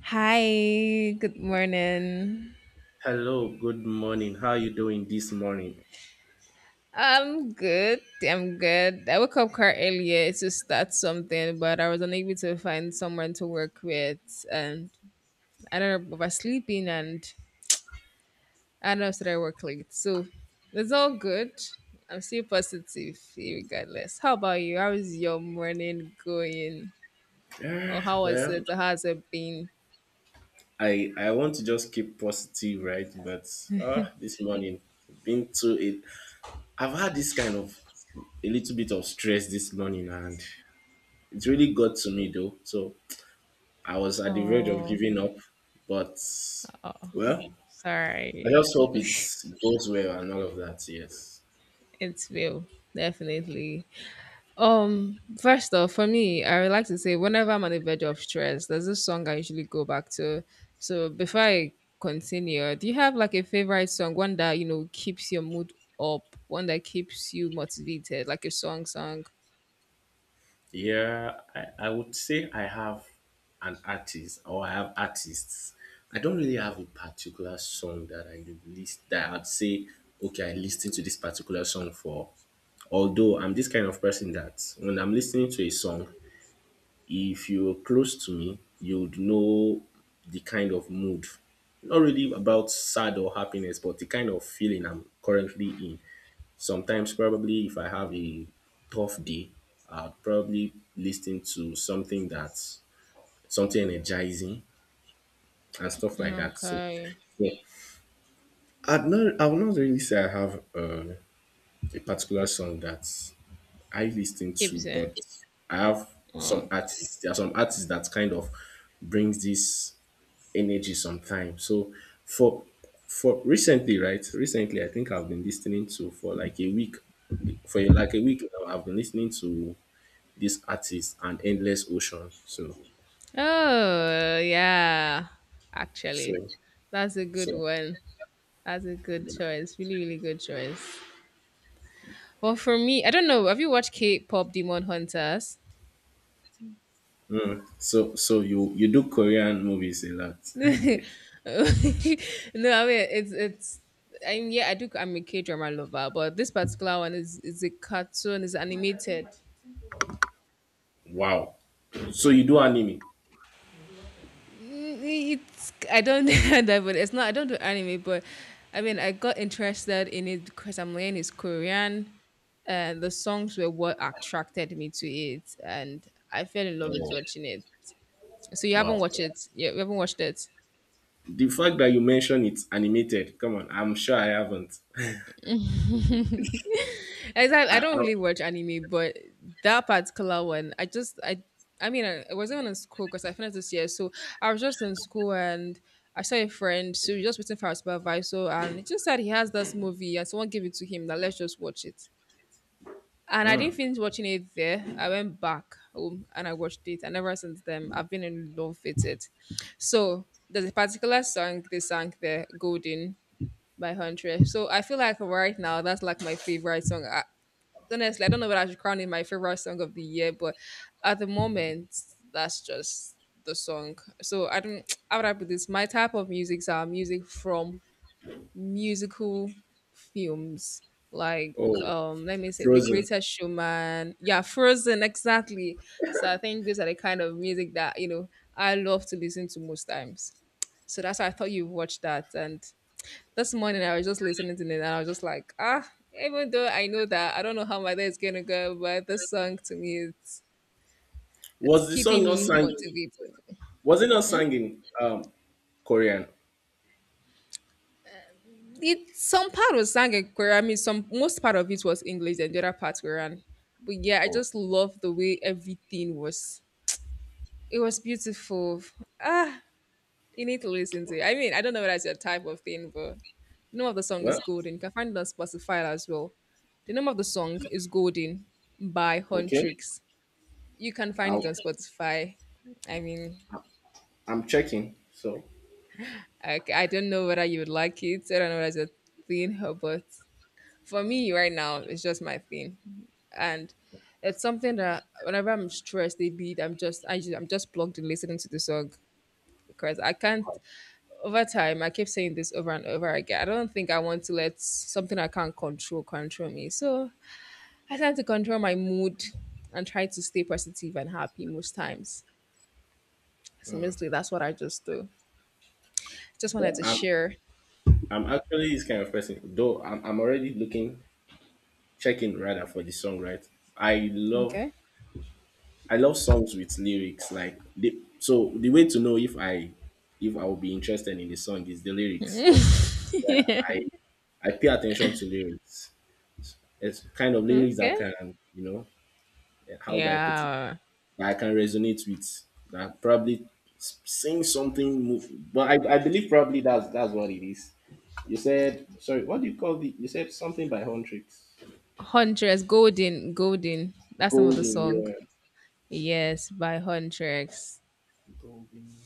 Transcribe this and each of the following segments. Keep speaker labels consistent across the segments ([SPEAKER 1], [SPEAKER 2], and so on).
[SPEAKER 1] Hi, good morning.
[SPEAKER 2] Hello, good morning. How are you doing this morning?
[SPEAKER 1] I'm good. I woke up quite earlier to start something, but I was unable to find someone to work with, and I don't know, oversleeping, and I don't know, so I work late. So it's all good. I'm still positive, regardless. How about you? How is your morning going?
[SPEAKER 2] Uh,
[SPEAKER 1] Or how was
[SPEAKER 2] well,
[SPEAKER 1] it? Or how's it been?
[SPEAKER 2] I want to just keep positive, right? But this morning, been to it. I've had this kind of a little bit of stress this morning, and it really got to me though. So I was at the verge of
[SPEAKER 1] Oh,
[SPEAKER 2] giving up, but
[SPEAKER 1] oh
[SPEAKER 2] well, I
[SPEAKER 1] sorry.
[SPEAKER 2] just hope it goes well and all of that. Yes.
[SPEAKER 1] It's will definitely. First off, for me, I would like to say whenever I'm on the verge of stress, there's this song I usually go back to. So before I continue, do you have like a favorite song, one that keeps your mood up, one that keeps you motivated, like a song song?
[SPEAKER 2] Yeah, I would say I have an artist or I have artists. I don't really have a particular song that I list that I'd say, okay, I listen to this particular song for. Although I'm this kind of person that when I'm listening to a song, if you're close to me, you'd know the kind of mood. Not really about sad or happiness, but the kind of feeling I'm currently in. Sometimes, probably, if I have a tough day, I'll probably listen to something that's something energizing and stuff like that. So,
[SPEAKER 1] Okay,
[SPEAKER 2] yeah, I would not really say I have a particular song that I listen to,
[SPEAKER 1] keeps it.
[SPEAKER 2] but I have some
[SPEAKER 1] Oh,
[SPEAKER 2] artists. There are some artists that kind of brings this energy sometimes. So, for for recently, right? Recently, I think I've been listening to for like a week, for like a week now. I've been listening to this artist an Endless Ocean.
[SPEAKER 1] oh yeah,
[SPEAKER 2] So
[SPEAKER 1] actually, that's a good
[SPEAKER 2] so
[SPEAKER 1] one. That's a good choice. Really, really good choice. Well, for me, I don't know. Have you watched K-pop Demon Hunters?
[SPEAKER 2] so you do Korean movies a lot.
[SPEAKER 1] No, I mean it's. I mean, yeah, I do. I'm a K drama lover, but this particular one is a cartoon. It's animated.
[SPEAKER 2] Wow. So you do anime.
[SPEAKER 1] Mm, it's I don't know that, but it's not. I don't do anime, but I mean, I got interested in it because I'm learning is Korean, and the songs were what attracted me to it, and I fell in love with
[SPEAKER 2] Oh,
[SPEAKER 1] watching it. So you haven't
[SPEAKER 2] wow.
[SPEAKER 1] watched it? Yeah, you haven't watched it.
[SPEAKER 2] The fact that you mention it's animated, come on, I'm sure I haven't.
[SPEAKER 1] Exactly.
[SPEAKER 2] I,
[SPEAKER 1] I don't
[SPEAKER 2] I,
[SPEAKER 1] really watch anime, but that particular one, I just I mean I wasn't in school because I finished this year, so I was just in school and I saw a friend, so we just waiting for our supervisor, and he just said he has this movie and someone gave it to him. That let's just watch it. And I didn't
[SPEAKER 2] mm.
[SPEAKER 1] finish watching it there. I went back home and I watched it, and ever since then I've been in love with it. So there's a particular song they sang there, Golden by Huntress. So I feel like right now that's like my favorite song. I, honestly, I don't know whether I should crown it my favorite song of the year, but at the moment, that's just the song. So I don't. How would I put this? My type of music are music from musical films, like
[SPEAKER 2] Oh,
[SPEAKER 1] let me say, The
[SPEAKER 2] Frozen.
[SPEAKER 1] Greatest Showman. Yeah, Frozen, exactly. So I think these are the kind of music that I love to listen to most times. So that's why I thought you've watched that, and this morning I was just listening to it and I was just like, ah, even though I know that I don't know how my day is gonna go, but this song to me it's
[SPEAKER 2] Was the song
[SPEAKER 1] keeping
[SPEAKER 2] not
[SPEAKER 1] me
[SPEAKER 2] sang?
[SPEAKER 1] motivated.
[SPEAKER 2] Was it not sang in Korean?
[SPEAKER 1] It some part was sang in Korean, I mean some most part of it was English and the other part Korean. But yeah, I
[SPEAKER 2] Oh,
[SPEAKER 1] just love the way everything was it was beautiful. Ah, you need to listen to it. I mean, I don't know whether it's your type of thing, but the name of the song is
[SPEAKER 2] well,
[SPEAKER 1] Golden. You can find it on Spotify as well. The name of the song is Golden by
[SPEAKER 2] okay.
[SPEAKER 1] Huntrix. You can find
[SPEAKER 2] I'll,
[SPEAKER 1] it on Spotify. I mean,
[SPEAKER 2] I'm checking. So
[SPEAKER 1] I don't know whether you would like it. I don't know whether it's a thing, but for me right now, it's just my thing, and it's something that whenever I'm stressed, a bit, I'm just plugged in listening to the song because I can't. Over time, I keep saying this over and over again. I don't think I want to let something I can't control control me. So I tend to control my mood and try to stay positive and happy most times. So mostly that's what I just do. Just wanted
[SPEAKER 2] well,
[SPEAKER 1] to
[SPEAKER 2] I'm,
[SPEAKER 1] share.
[SPEAKER 2] I'm actually this kind of person, though I'm already looking checking rather for the song, right? I love
[SPEAKER 1] Okay.
[SPEAKER 2] I love songs with lyrics. Like the way to know if I will be interested in the song is the lyrics. Yeah, I pay attention to lyrics. It's kind of lyrics
[SPEAKER 1] Okay.
[SPEAKER 2] that can you know how do I put it
[SPEAKER 1] Yeah.
[SPEAKER 2] that I can resonate with that probably saying something. But I believe probably that's what it is. You said sorry. What do you call the? You said something by Huntrix.
[SPEAKER 1] Huntress, Golden, Golden. That's the name of the
[SPEAKER 2] Golden.
[SPEAKER 1] song.
[SPEAKER 2] Yeah.
[SPEAKER 1] Yes, by Huntress.
[SPEAKER 2] Golden.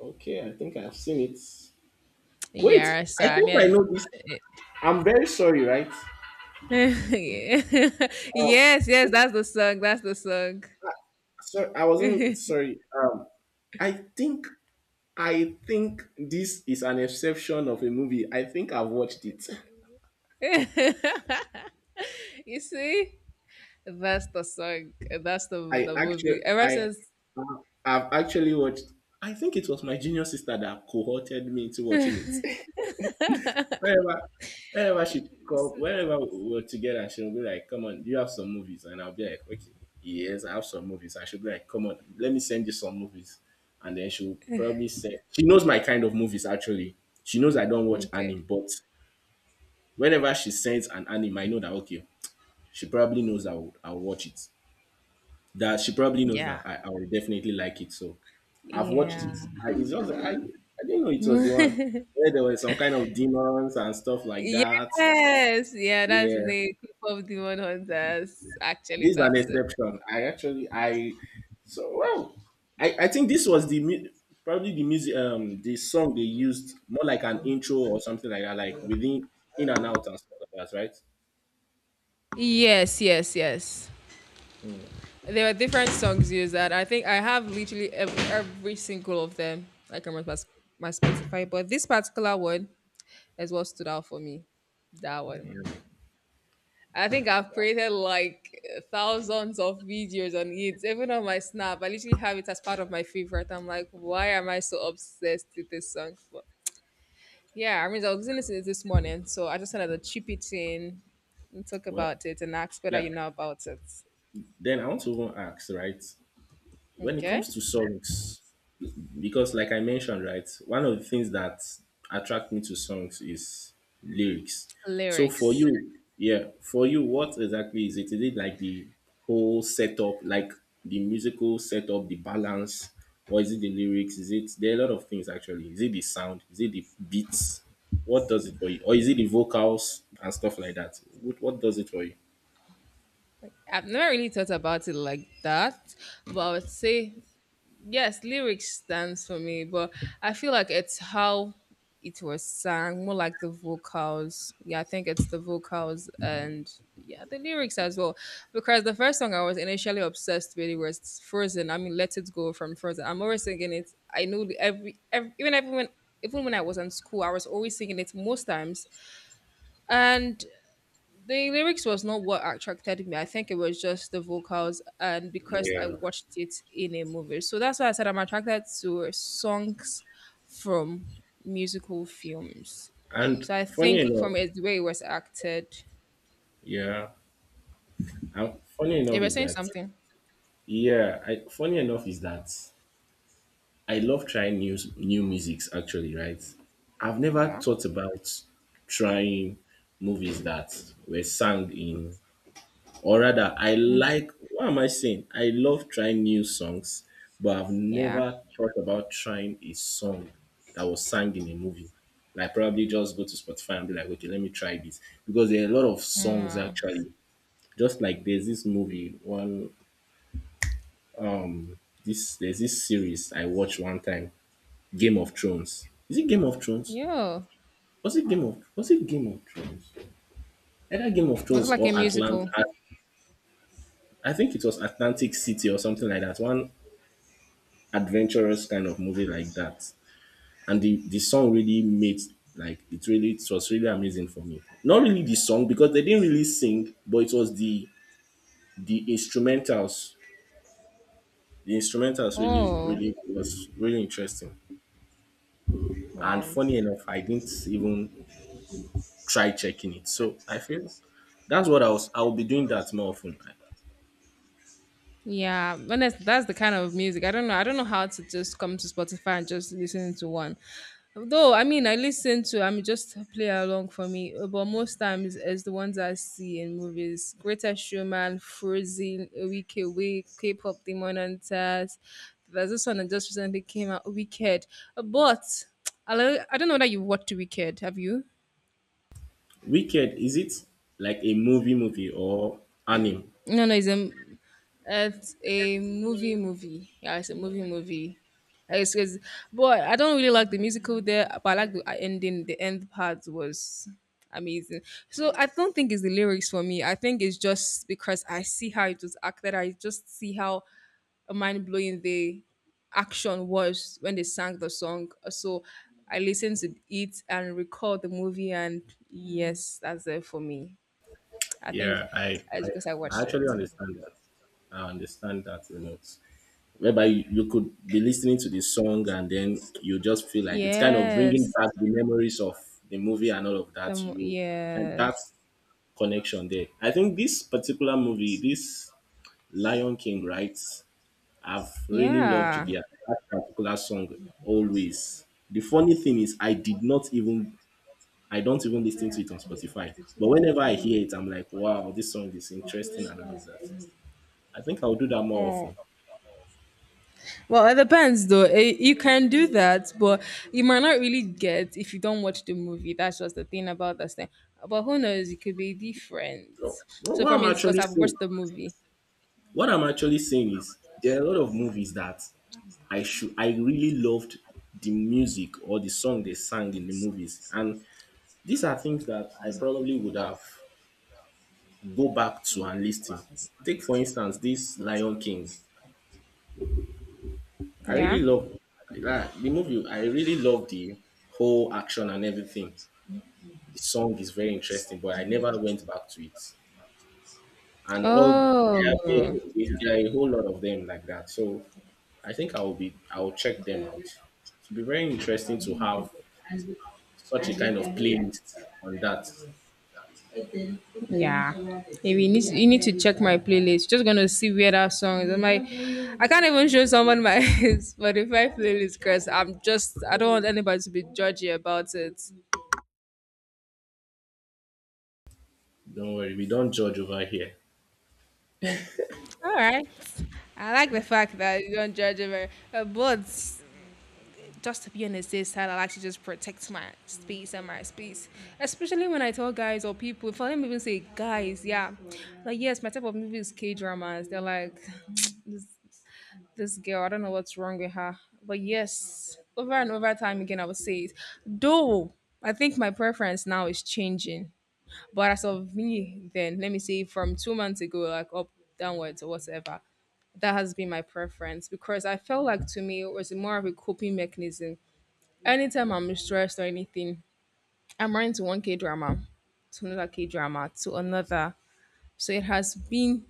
[SPEAKER 2] Okay, I think I've seen it. Wait,
[SPEAKER 1] Yeah,
[SPEAKER 2] I
[SPEAKER 1] so I
[SPEAKER 2] think I know
[SPEAKER 1] mean,
[SPEAKER 2] this. I'm very sorry, right?
[SPEAKER 1] yes,
[SPEAKER 2] Um,
[SPEAKER 1] yes, that's the song. That's the song.
[SPEAKER 2] so I wasn't sorry. I think I think this is an exception of a movie. I think I've watched it.
[SPEAKER 1] You see, that's the song. That's the
[SPEAKER 2] I
[SPEAKER 1] the
[SPEAKER 2] actually
[SPEAKER 1] movie. Ever
[SPEAKER 2] I
[SPEAKER 1] since,
[SPEAKER 2] I've actually watched. I think it was my junior sister that cohorted me into watching it. whenever whenever she
[SPEAKER 1] you
[SPEAKER 2] call
[SPEAKER 1] see-
[SPEAKER 2] whenever we're together, she'll be like, come on, do you have some movies, and I'll be like, okay, yes, I have some movies, and she'll be like, come on, let me send you some movies. And then she'll probably say she knows my kind of movies actually. She knows I don't watch
[SPEAKER 1] okay,
[SPEAKER 2] anime, but whenever she sends an anime, I know that okay, she probably knows I'll watch it, that she probably knows
[SPEAKER 1] yeah,
[SPEAKER 2] that I will definitely like it. So I've watched
[SPEAKER 1] yeah,
[SPEAKER 2] it. It's just I didn't know it was the one where there were some kind of demons and stuff like that.
[SPEAKER 1] yes, yeah. That's the
[SPEAKER 2] Yeah,
[SPEAKER 1] name Club of Demon Hunters.
[SPEAKER 2] this
[SPEAKER 1] Actually,
[SPEAKER 2] is an
[SPEAKER 1] that's it.
[SPEAKER 2] exception. I actually I so wow. I think this was probably the music, the song they used more like an intro or something like that, like within in and out and stuff like that, right?
[SPEAKER 1] Yes, yes, yes.
[SPEAKER 2] Hmm.
[SPEAKER 1] There were different songs used that I think I have literally every single of them. I can remember sp- my Spotify, but this particular one is what stood out for me. That one. I think I've created like thousands of videos on it, even on my Snap. I literally have it as part of my favorite. I'm like, why am I so obsessed with this song? But yeah, I mean, I was listening to it this morning, so I just wanted to chip it in and talk
[SPEAKER 2] Well,
[SPEAKER 1] about it and ask whether
[SPEAKER 2] yeah.
[SPEAKER 1] you know about it.
[SPEAKER 2] Then I want to even ask, right? When it
[SPEAKER 1] Okay.
[SPEAKER 2] comes to songs, because like I mentioned, right, one of the things that attract me to songs is lyrics. So for
[SPEAKER 1] Lyrics.
[SPEAKER 2] you, yeah, for you, what exactly is it? Is it like the whole setup, like the musical setup, the balance, or is it the lyrics? Is it there are a lot of things actually. Is it the sound? Is it the beats? What does it for you, or is it the vocals and stuff like that? What does it for you?
[SPEAKER 1] I've never really thought about it like that, but I would say yes, lyrics stands for me. But I feel like it's how it was sang, more like the vocals. Yeah, I think it's the vocals and yeah, the lyrics as well. Because the first song I was initially obsessed with was Frozen. I mean, Let It Go from Frozen. I'm always singing it. I know the- every even everyone even when I was in school, I was always singing it most times. And the lyrics was not what attracted me. I think it was just the vocals, and because I
[SPEAKER 2] yeah
[SPEAKER 1] watched it in a movie, so that's why I said I'm attracted to songs from musical films.
[SPEAKER 2] and
[SPEAKER 1] So I
[SPEAKER 2] funny
[SPEAKER 1] think
[SPEAKER 2] enough
[SPEAKER 1] from it, the way it was acted,
[SPEAKER 2] yeah and funny
[SPEAKER 1] it
[SPEAKER 2] enough
[SPEAKER 1] was
[SPEAKER 2] is
[SPEAKER 1] saying
[SPEAKER 2] that
[SPEAKER 1] something.
[SPEAKER 2] Yeah, funny enough is that I love trying new musics actually, right? I've never
[SPEAKER 1] Yeah,
[SPEAKER 2] thought about trying movies that were sung in or rather I like what am I saying? I love trying new songs, but I've
[SPEAKER 1] yeah,
[SPEAKER 2] never thought about trying a song that was sung in a movie. Like probably just go to Spotify and be like, okay, let me try this. Because there are a lot of songs
[SPEAKER 1] mm.
[SPEAKER 2] actually. Just like there's this movie, one this there's this series I watched one time. Game of Thrones. Is it Game of Thrones?
[SPEAKER 1] Yeah.
[SPEAKER 2] Was it Game of Thrones? Either Game of
[SPEAKER 1] Was it
[SPEAKER 2] Thrones
[SPEAKER 1] like
[SPEAKER 2] or
[SPEAKER 1] a musical?
[SPEAKER 2] I think it was Atlantic City or something like that. One adventurous kind of movie like that. And the song really made, like, it really it was really amazing for me. Not really the song because they didn't really sing, but it was the instrumentals. The instrumentals really
[SPEAKER 1] Oh,
[SPEAKER 2] really was really interesting. And
[SPEAKER 1] wow.
[SPEAKER 2] funny enough, I didn't even try checking it. So I feel that's what I was, I will be doing that more often.
[SPEAKER 1] Yeah, honest, that's the kind of music. I don't know. I don't know how to just come to Spotify and just listen to one. Though, I mean, I listen to. I mean, just play along for me. But most times, it's the ones I see in movies: Greater Showman, Frozen, Week Away, K-pop Demon Hunters. There's this one that just recently came out, Wicked. But I lo- I don't know that you've watched Wicked. Have you?
[SPEAKER 2] Wicked, is it like a movie movie or anime?
[SPEAKER 1] No, no, it's a It's a movie movie. Yeah, it's a movie movie. Like, it's, but I don't really like the musical there, but I like the ending. The end part was amazing. So I don't think it's the lyrics for me. I think it's just because I see how it was acted. I just see how mind blowing the action was when they sang the song. So I listened to it and recall the movie, and yes, that's it for me. I think
[SPEAKER 2] Yeah, I
[SPEAKER 1] it's
[SPEAKER 2] I,
[SPEAKER 1] because I
[SPEAKER 2] I
[SPEAKER 1] watched it.
[SPEAKER 2] actually understand that. I understand that a lot. Whereby you, you could be listening to the song and then you just feel like it's kind of bringing
[SPEAKER 1] Yes.
[SPEAKER 2] back the memories of the movie and all of
[SPEAKER 1] The
[SPEAKER 2] that.
[SPEAKER 1] mo-
[SPEAKER 2] You and that
[SPEAKER 1] yes.
[SPEAKER 2] connection there. I think this particular movie, this Lion King, right? I've really loved
[SPEAKER 1] Yeah.
[SPEAKER 2] their that particular song always. The funny thing is I did not even I don't even listen to it on Spotify. But whenever I hear it, I'm like, wow, this song is interesting and all of that. I think I'll do that more
[SPEAKER 1] Oh.
[SPEAKER 2] often.
[SPEAKER 1] Well, it depends though. Eh, you can do that, but you might not really get if you don't watch the movie. That's just the thing about this thing. But who knows? It could be different.
[SPEAKER 2] So, What,
[SPEAKER 1] So
[SPEAKER 2] what
[SPEAKER 1] for
[SPEAKER 2] I'm
[SPEAKER 1] me, it's because
[SPEAKER 2] actually
[SPEAKER 1] I've watched
[SPEAKER 2] saying,
[SPEAKER 1] the movie.
[SPEAKER 2] what I'm actually saying is there are a lot of movies that I really loved the music or the song they sang in the movies. And these are things that I probably would have go back to and listen. Take for instance this Lion King. I really
[SPEAKER 1] Yeah.
[SPEAKER 2] love that the movie. I really love the whole action and everything. The song is very interesting, but I never went back to it. And all
[SPEAKER 1] Oh.
[SPEAKER 2] there are a whole lot of them like that. So I think I will check them out. It will be very interesting to have such a kind of playlist on that.
[SPEAKER 1] Yeah. Maybe you need to check my playlist. Just gonna see where that song is. My, I? I can't even show someone my Spotify playlist because I'm just. I don't want anybody to be judgy about it.
[SPEAKER 2] Don't worry, we don't judge over here.
[SPEAKER 1] All right. I like the fact that you don't judge it, very- but just to be on the safe side, I like to just protect my space and my space. Especially when I tell guys or people, if I them even say guys, yeah, like yes, my type of movie is K dramas. They're like, this this girl, I don't know what's wrong with her. But yes, over and over time again, I would say it. Though I think my preference now is changing. But as of me, then let me say from 2 months ago, like up downwards or whatever, that has been my preference because I felt like to me it was more of a coping mechanism. Anytime I'm stressed or anything, I'm running to one K drama, to another K drama, to another. So it has been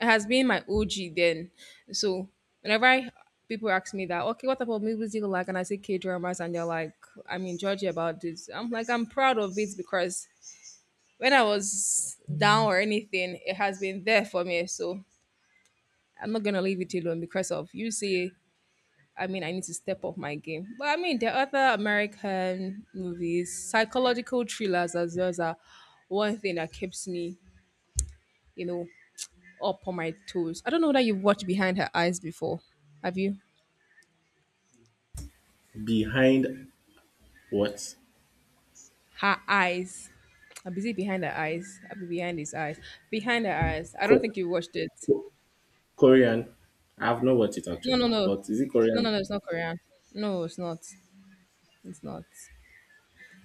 [SPEAKER 1] it has been my OG then. So whenever I, people ask me that, okay, what type of movies do you like? And I say K dramas and they're like, I'm in Georgia about this. I'm like, I'm proud of it because when I was down or anything, it has been there for me. So I'm not gonna leave it alone because of you say I mean, I need to step up my game. But I mean, there are other American movies, psychological thrillers as well as are one thing that keeps me, you know, up on my toes. I don't know that you've watched Behind Her Eyes before. Have you?
[SPEAKER 2] Behind what?
[SPEAKER 1] Her Eyes. I'm busy behind her eyes. I'll be behind his eyes. Behind her eyes. I don't
[SPEAKER 2] Ko-
[SPEAKER 1] think you watched it.
[SPEAKER 2] Korean? I've not watched it
[SPEAKER 1] No, no,
[SPEAKER 2] actually,
[SPEAKER 1] no.
[SPEAKER 2] but is it
[SPEAKER 1] No,
[SPEAKER 2] Korean?
[SPEAKER 1] no, no. It's not Korean. No, it's not. It's not.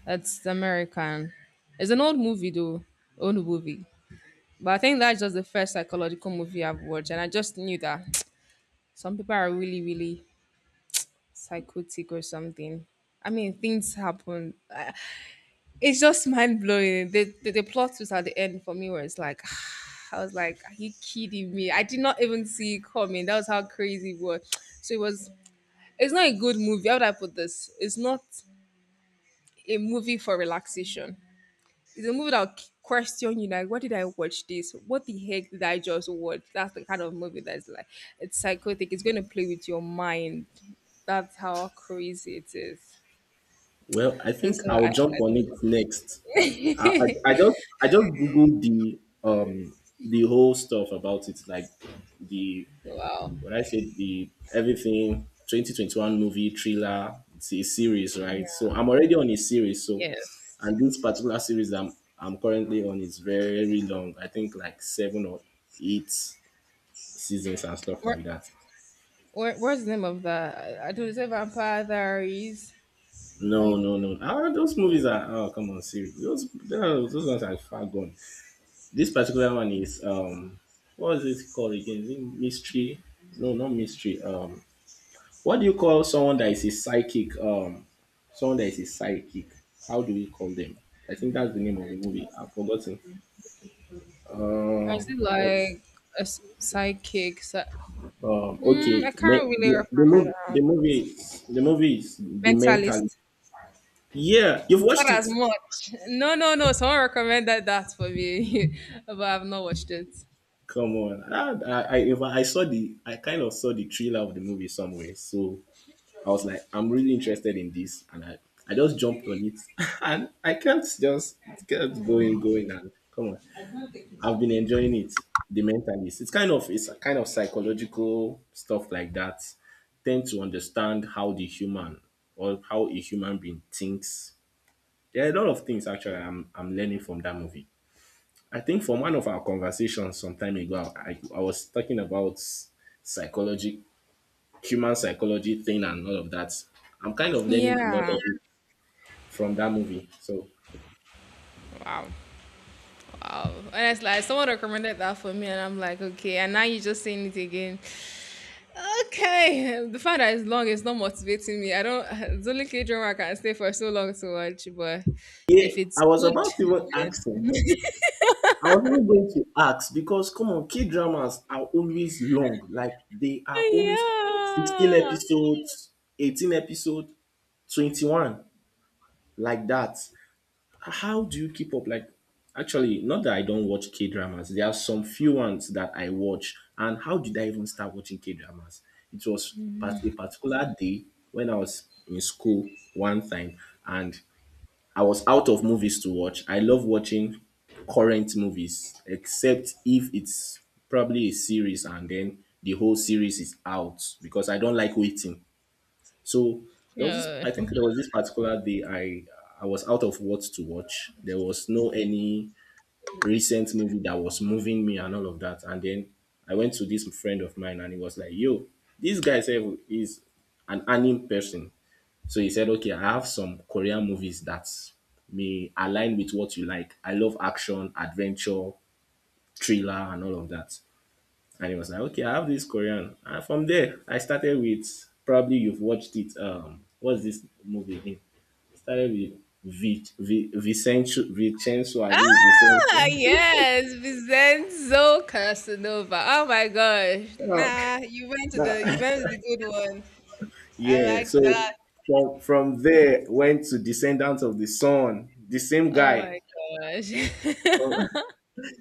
[SPEAKER 1] That's American. It's an old movie, though. Old movie. But I think that's just the first psychological movie I've watched, and I just knew that some people are really, really psychotic or something. Things happen. It's just mind blowing. The plot twist at the end for me where it's like, I was like, are you kidding me? I did not even see it coming. That was how crazy it was. So it was. It's not a good movie. How would I put this? It's not a movie for relaxation. It's a movie that will question you like, why did I watch this? What the heck did I just watch? That's the kind of movie that's like it's psychotic. It's gonna play with your mind. That's how crazy it is.
[SPEAKER 2] Well, I
[SPEAKER 1] And
[SPEAKER 2] think
[SPEAKER 1] so
[SPEAKER 2] I'll
[SPEAKER 1] I,
[SPEAKER 2] jump
[SPEAKER 1] I
[SPEAKER 2] on
[SPEAKER 1] thought,
[SPEAKER 2] it next. I just googled the whole stuff about it, like the
[SPEAKER 1] wow,
[SPEAKER 2] when I said the everything 2021 movie thriller. It's a series, right? So
[SPEAKER 1] yeah,
[SPEAKER 2] I'm already on a series. So
[SPEAKER 1] yes.
[SPEAKER 2] and this particular series that I'm currently on is very long. I think like seven or eight seasons and stuff
[SPEAKER 1] Where,
[SPEAKER 2] like that.
[SPEAKER 1] where's the name of that? I don't say Vampire Diaries.
[SPEAKER 2] No,
[SPEAKER 1] I
[SPEAKER 2] no, no. Ah, those movies
[SPEAKER 1] think.
[SPEAKER 2] are, oh come on, series. Those ones are far gone. This particular one is what is it called again? Is it mystery? No, not mystery. What do you call someone that is a psychic? Someone that is a psychic. How do you call them? I think that's the name of the movie. I've forgotten.
[SPEAKER 1] I see
[SPEAKER 2] What
[SPEAKER 1] like psychic.
[SPEAKER 2] okay,
[SPEAKER 1] Mm, I can't really wrap my head around
[SPEAKER 2] The movie is the mental.
[SPEAKER 1] mentalist.
[SPEAKER 2] Yeah, you've watched
[SPEAKER 1] Not as
[SPEAKER 2] it.
[SPEAKER 1] much. No, no, no. Someone recommended that for me, but I've not watched it.
[SPEAKER 2] Come on, I, if I I saw the, I kind of saw the trailer of the movie somewhere, so I was like, I'm really interested in this, and I just jumped on it, and I can't just, it kept going, going, and come on, I've been enjoying it. The mentalist, it's kind of, it's a kind of psychological stuff like that. Tend to understand how the human or how a human being thinks. There are a lot of things actually I'm learning from that movie. I think from one of our conversations some time ago, I was talking about psychology, human psychology thing and all of that. I'm kind of learning a lot
[SPEAKER 1] Yeah.
[SPEAKER 2] of it from that movie. So
[SPEAKER 1] Wow. Wow. Honestly, like, someone recommended that for me, and I'm like, okay. And now you're just saying it again. Okay. The fact that it's long is not motivating me. I don't. It's only K drama I can stay for so long to watch, but if
[SPEAKER 2] yeah,
[SPEAKER 1] it's
[SPEAKER 2] I was
[SPEAKER 1] good,
[SPEAKER 2] about to even
[SPEAKER 1] then
[SPEAKER 2] ask him. I was even going to ask because come on, K dramas are always long. Like they are always 16
[SPEAKER 1] yeah.
[SPEAKER 2] episodes, 18 episodes, 21, like that. How do you keep up? Like, actually, not that I don't watch K dramas. There are some few ones that I watch. And how did I even start watching K dramas? It was part a particular day when I was in school one time, and I was out of movies to watch. I love watching current movies, except if it's probably a series and then the whole series is out because I don't like waiting. So there was this.
[SPEAKER 1] Yeah.
[SPEAKER 2] I think there was this particular day I was out of what to watch. There was no any recent movie that was moving me and all of that. And then I went to this friend of mine and he was like, "Yo, this guy said is an anime person." So he said, "Okay, I have some Korean movies that may align with what you like. I love action, adventure, thriller, and all of that." And he was like, okay, I have this Korean. And from there, I started with probably you've watched it. What's this movie again? It started with I believe
[SPEAKER 1] Ah,
[SPEAKER 2] Vicencio.
[SPEAKER 1] yes, Vincenzo Casanova. Oh my gosh. Nah, you went to the good one. I
[SPEAKER 2] Yeah. So
[SPEAKER 1] like that.
[SPEAKER 2] from there went to Descendants of the Sun. The same
[SPEAKER 1] Oh
[SPEAKER 2] guy.
[SPEAKER 1] my gosh.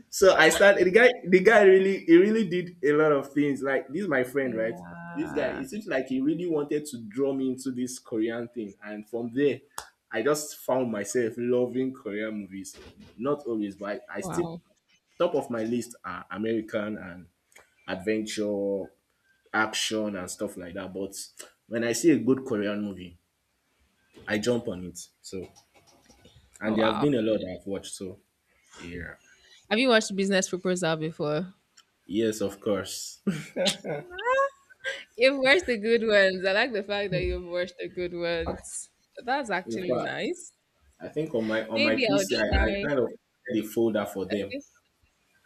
[SPEAKER 2] So I started the guy really he really did a lot of things. Like this is my friend, right? This guy,
[SPEAKER 1] yeah.
[SPEAKER 2] it seems like he really wanted to draw me into this Korean thing. And from there, I just found myself loving Korean movies. Not always, but I still
[SPEAKER 1] Wow.
[SPEAKER 2] top of my list are American and adventure, action and stuff like that. But when I see a good Korean movie, I jump on it. So and
[SPEAKER 1] Oh
[SPEAKER 2] there have
[SPEAKER 1] wow.
[SPEAKER 2] been a lot I've watched. So yeah.
[SPEAKER 1] Have you watched Business Proposal before?
[SPEAKER 2] Yes, of course.
[SPEAKER 1] Nah. You've watched the good ones. I like the fact that you've watched the good ones. That's
[SPEAKER 2] In
[SPEAKER 1] actually
[SPEAKER 2] fact,
[SPEAKER 1] nice.
[SPEAKER 2] I think on my
[SPEAKER 1] Maybe I'll
[SPEAKER 2] PC, I
[SPEAKER 1] try.
[SPEAKER 2] kind of had a folder for them.
[SPEAKER 1] Okay.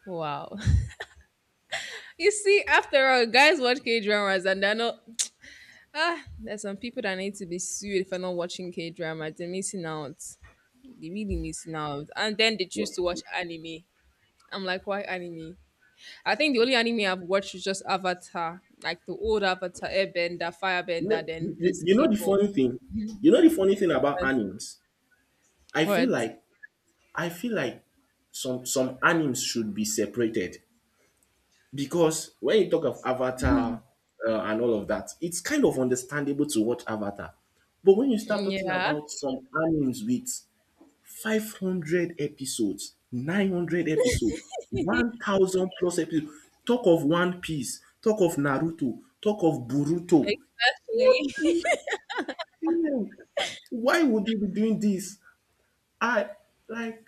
[SPEAKER 1] Wow. You see, after all, guys watch K dramas and they're not Ah, there's some people that need to be sued for not watching K drama. They're missing out. They really missing out. And then they choose
[SPEAKER 2] But
[SPEAKER 1] to watch anime. I'm like, why anime? I think the only anime I've watched is just Avatar, like the old Avatar, Airbender,
[SPEAKER 2] you know,
[SPEAKER 1] Firebender, then
[SPEAKER 2] you-
[SPEAKER 1] this
[SPEAKER 2] you know the
[SPEAKER 1] K-pop.
[SPEAKER 2] funny thing, you know the funny thing about animes. I feel
[SPEAKER 1] What?
[SPEAKER 2] like I feel like some animes should be separated because when you talk of Avatar and all of that, it's kind of understandable to watch Avatar. But when you start talking
[SPEAKER 1] Yeah,
[SPEAKER 2] about some animes with 500 episodes, 900 episode, 1000 plus episode. Talk of One Piece, talk of Naruto, talk of Boruto.
[SPEAKER 1] exactly.
[SPEAKER 2] What the hell? Why would you be doing this? I like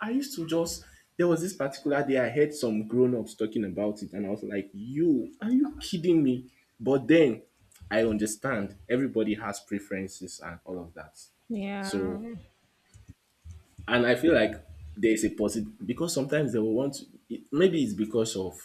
[SPEAKER 2] I used to just there was this particular day I heard some grown-ups talking about it and I was like, "You, are you kidding me?" But then I understand everybody has preferences and all of that.
[SPEAKER 1] Yeah,
[SPEAKER 2] So and I feel like there's a positive because sometimes they will want to, it, maybe it's because of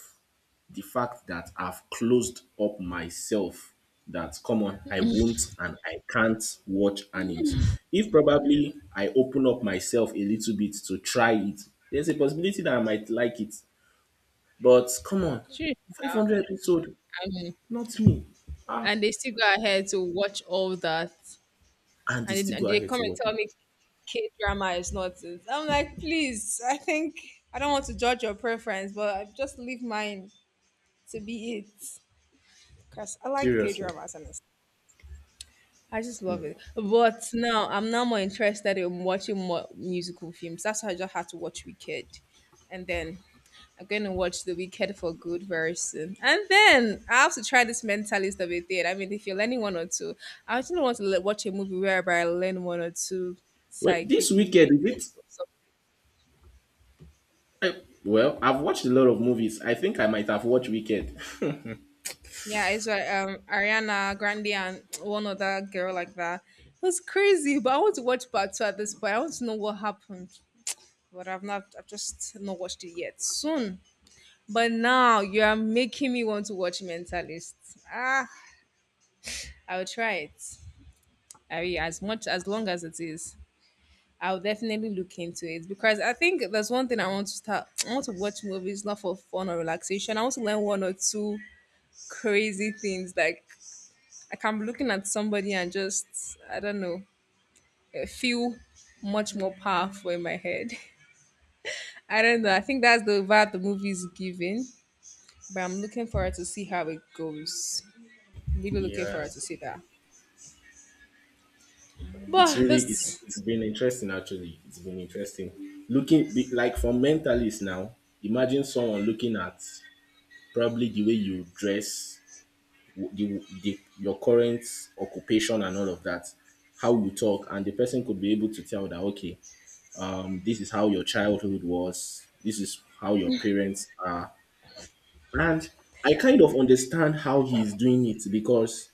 [SPEAKER 2] the fact that I've closed up myself that come on, I won't and I can't watch animes. If probably I open up myself a little bit to try it, there's a possibility that I might like it. But come on,
[SPEAKER 1] sure. yeah.
[SPEAKER 2] 500 episode,
[SPEAKER 1] I mean,
[SPEAKER 2] not me.
[SPEAKER 1] and they still go ahead to watch all that,
[SPEAKER 2] And they
[SPEAKER 1] and, then-
[SPEAKER 2] still go
[SPEAKER 1] and they
[SPEAKER 2] ahead
[SPEAKER 1] come
[SPEAKER 2] to
[SPEAKER 1] and
[SPEAKER 2] watch
[SPEAKER 1] tell
[SPEAKER 2] it.
[SPEAKER 1] me K drama is not it. I'm like, please, I think I don't want to judge your preference, but I just leave mine to be it. Cause I like K
[SPEAKER 2] Seriously.
[SPEAKER 1] dramas and I just love it.
[SPEAKER 2] No.
[SPEAKER 1] But now I'm now more interested in watching more musical films. That's why I just had to watch Wicked. And then I'm gonna watch The Wicked for good very soon. And then I have to try this mentalist of a thing. I mean, if you're learning one or two, I actually want to watch a movie whereby I learn one or two
[SPEAKER 2] Wait, this
[SPEAKER 1] psychic
[SPEAKER 2] weekend, is it
[SPEAKER 1] movements or something.
[SPEAKER 2] well, I've watched a lot of movies. I think I might have watched Wicked.
[SPEAKER 1] Yeah, it's like Ariana Grande and one other girl like that. It was crazy, but I want to watch part two at this point. I want to know what happened, but I've not. I've just not watched it yet. Soon, but now you are making me want to watch Mentalist. Ah, I'll try it. I mean, as much as long as it is, I'll definitely look into it because I think that's one thing I want to start. I want to watch movies not for fun or relaxation. I want to learn one or two crazy things like I can be looking at somebody and just, I don't know, eh, feel much more powerful in my head. I don't know. I think that's the vibe the movie is giving. But I'm looking forward to see how it goes. Really looking
[SPEAKER 2] Yeah,
[SPEAKER 1] forward to see that.
[SPEAKER 2] it's
[SPEAKER 1] But
[SPEAKER 2] really it's
[SPEAKER 1] this,
[SPEAKER 2] it's been interesting actually. It's been interesting like for mentalists now. Imagine someone looking at probably the way you dress, the your current occupation and all of that, how you talk, and the person could be able to tell that okay, this is how your childhood was. This is how your parents are, and I kind of understand how he's doing it because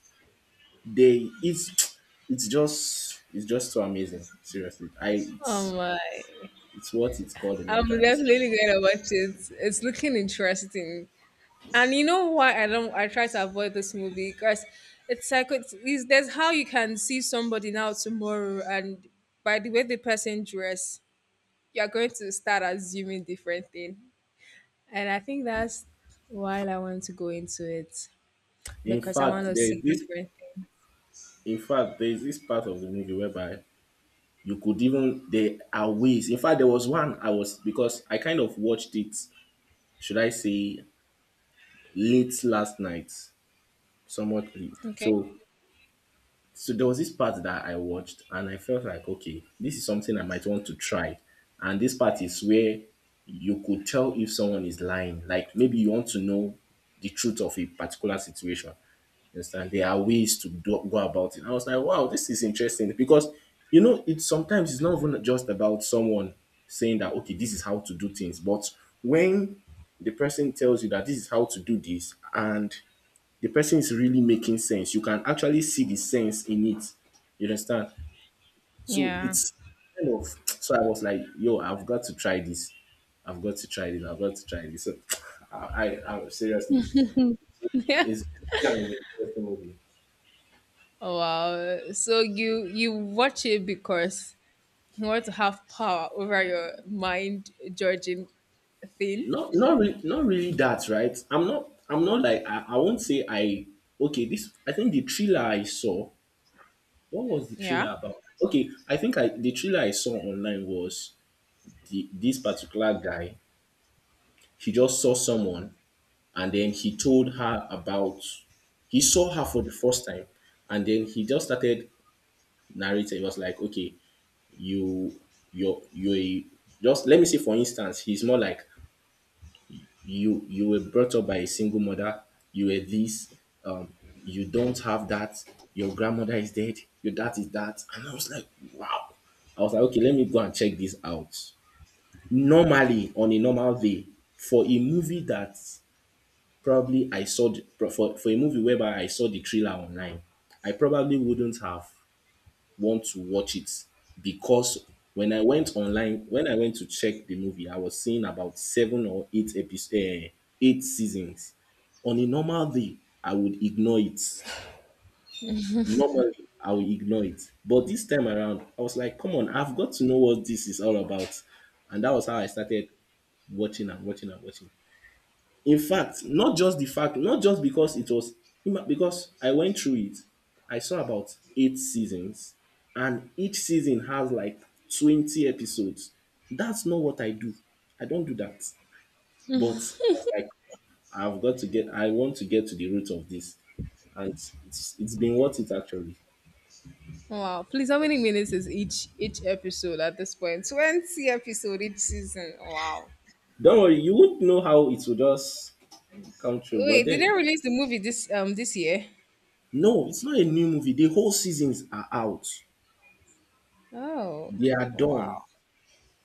[SPEAKER 2] They it's just so amazing. Seriously. I
[SPEAKER 1] oh my,
[SPEAKER 2] it's what it's called a
[SPEAKER 1] I'm
[SPEAKER 2] mental this.
[SPEAKER 1] definitely gonna watch it. It's looking interesting. And you know why I don't? I try to avoid this movie because it's like it's, there's how you can see somebody now tomorrow, and by the way the person dress, you're going to start assuming different things. And I think that's why I want to go into it
[SPEAKER 2] In
[SPEAKER 1] because I want
[SPEAKER 2] fact,
[SPEAKER 1] to
[SPEAKER 2] there
[SPEAKER 1] see
[SPEAKER 2] is this
[SPEAKER 1] different
[SPEAKER 2] part of the movie whereby you could even there are ways. In fact, there was one I was because I kind of watched it, should I say, late last night, somewhat late.
[SPEAKER 1] things. Okay.
[SPEAKER 2] So there was this part that I watched and I felt like, okay, this is something I might want to try. And this part is where you could tell if someone is lying. Like maybe you want to know the truth of a particular situation. You understand? There are ways to do, go about it. I was like, wow, this is interesting because you know, it sometimes it's not even just about someone saying that okay, this is how to do things, but when the person tells you that this is how to do this and the person is really making sense. You can actually see the sense in it. You understand? So
[SPEAKER 1] Yeah.
[SPEAKER 2] it's kind of so I was like, yo, I've got to try this. I've got to try this. I've got to try this. So I seriously,
[SPEAKER 1] Yeah.
[SPEAKER 2] it's kind of an interesting movie.
[SPEAKER 1] Wow. So you watch it because you want to have power over your mind judging thing.
[SPEAKER 2] Not, not really, not really that, right? I'm not like I won't say I. Okay, this I think the thriller I saw. What was the
[SPEAKER 1] Yeah.
[SPEAKER 2] thriller about? Okay, I think I the thriller I saw online was the this particular guy. He just saw someone and then he told her about he saw her for the first time and then he just started narrating. He was like, okay, you you're you a- just let me say for instance, he's more like you were brought up by a single mother, you were this, um, you don't have that, your grandmother is dead, your dad is that. And I was like, wow. I was like, okay, let me go and check this out. Normally, on a normal day, for a movie that probably I saw the, for a movie whereby I saw the trailer online, I probably wouldn't have want to watch it because when I went online, when I went to check the movie, I was seeing about seven or eight episodes, eight seasons. On a normal day, I would ignore it. Normally, I would ignore it. But this time around, I was like, come on, I've got to know what this is all about. And that was how I started watching and watching and watching. In fact, not just because it was, because I went through it. I saw about eight seasons, and each season has like 20 episodes. That's not what I do. I don't do that. But I was like, I want to get to the root of this. And it's been worth it actually.
[SPEAKER 1] Oh, wow. Please, how many minutes is each episode at this point? 20 episode each season. Wow.
[SPEAKER 2] Don't worry, you won't know how it will just come true. But
[SPEAKER 1] Wait, did they
[SPEAKER 2] then,
[SPEAKER 1] release the movie this this year?
[SPEAKER 2] no, it's not a new movie. The whole seasons are out,
[SPEAKER 1] Oh.
[SPEAKER 2] they are done.
[SPEAKER 1] Wow.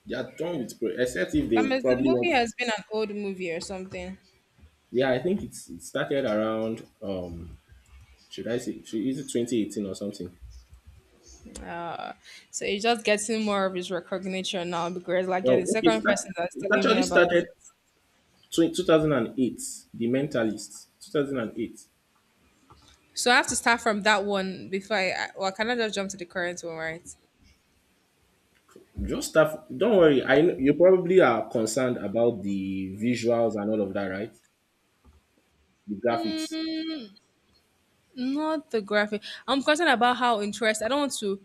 [SPEAKER 2] They are done with prayer, except if
[SPEAKER 1] I
[SPEAKER 2] they
[SPEAKER 1] mean, the
[SPEAKER 2] probably
[SPEAKER 1] movie
[SPEAKER 2] want.
[SPEAKER 1] has been an old movie or something.
[SPEAKER 2] Yeah, I think it started around should I say should is it 2018 or something?
[SPEAKER 1] Uh, so it's just getting more of his recognition now because, like, you're
[SPEAKER 2] Well,
[SPEAKER 1] the
[SPEAKER 2] okay,
[SPEAKER 1] second person that's
[SPEAKER 2] it
[SPEAKER 1] telling me
[SPEAKER 2] actually
[SPEAKER 1] about.
[SPEAKER 2] started 2008. The Mentalist 2008.
[SPEAKER 1] So I have to start from that one before Well, can I just jump to the current one, right?
[SPEAKER 2] Just stuff. Don't worry. I know you probably are concerned about the visuals and all of that, right? The graphics.
[SPEAKER 1] Mm, not the graphic. I'm concerned about how interest. I don't want to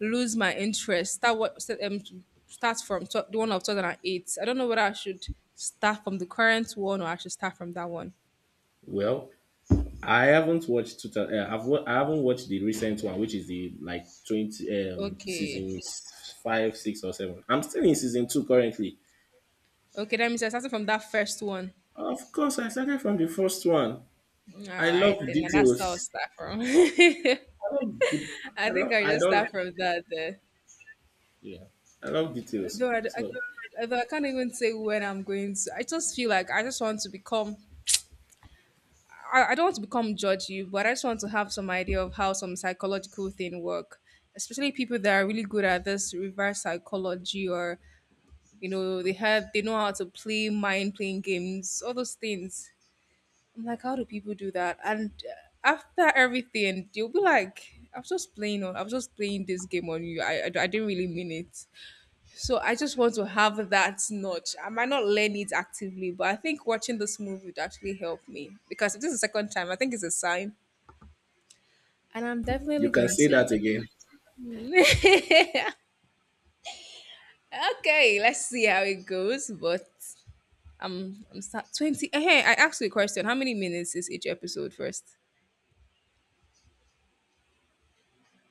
[SPEAKER 1] lose my interest. Start start from the one of 2008. I don't know whether I should start from the current one or I should start from that one.
[SPEAKER 2] Well, I haven't watched. Two, thousand. I haven't watched the recent one, which is the like 20
[SPEAKER 1] Okay.
[SPEAKER 2] five, six, or seven. I'm still in season two currently.
[SPEAKER 1] Okay, that means I started from that first one.
[SPEAKER 2] Of course, I started from the first one.
[SPEAKER 1] All
[SPEAKER 2] I love
[SPEAKER 1] right, then that's how I'll
[SPEAKER 2] details.
[SPEAKER 1] start from. I
[SPEAKER 2] I love. Good- I
[SPEAKER 1] think
[SPEAKER 2] love.
[SPEAKER 1] I
[SPEAKER 2] I
[SPEAKER 1] just
[SPEAKER 2] don't.
[SPEAKER 1] start from that.
[SPEAKER 2] Yeah, I love details.
[SPEAKER 1] Though,
[SPEAKER 2] So
[SPEAKER 1] although I can't even say when I'm going to. I just feel like I just want to become. I don't want to become judgy, but I just want to have some idea of how some psychological thing work, especially people that are really good at this reverse psychology or you know they know how to play mind playing games, all those things. I'm like, how do people do that? And after everything, you'll be like, I was just playing this game on you. I didn't really mean it. So I just want to have that notch. I might not learn it actively, but I think watching this movie would actually help me because if this is the second time, I think it's a sign, and I'm
[SPEAKER 2] you
[SPEAKER 1] definitely
[SPEAKER 2] can
[SPEAKER 1] going
[SPEAKER 2] say
[SPEAKER 1] to.
[SPEAKER 2] that again.
[SPEAKER 1] Okay, let's see how it goes. But I'm start 20. Hey, I asked you a question. How many minutes is each episode first?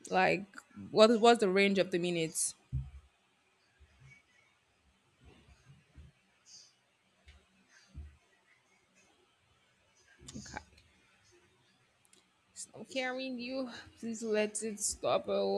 [SPEAKER 1] Like, what's the range of the minutes? Stop carrying you. Please let it stop. Oh.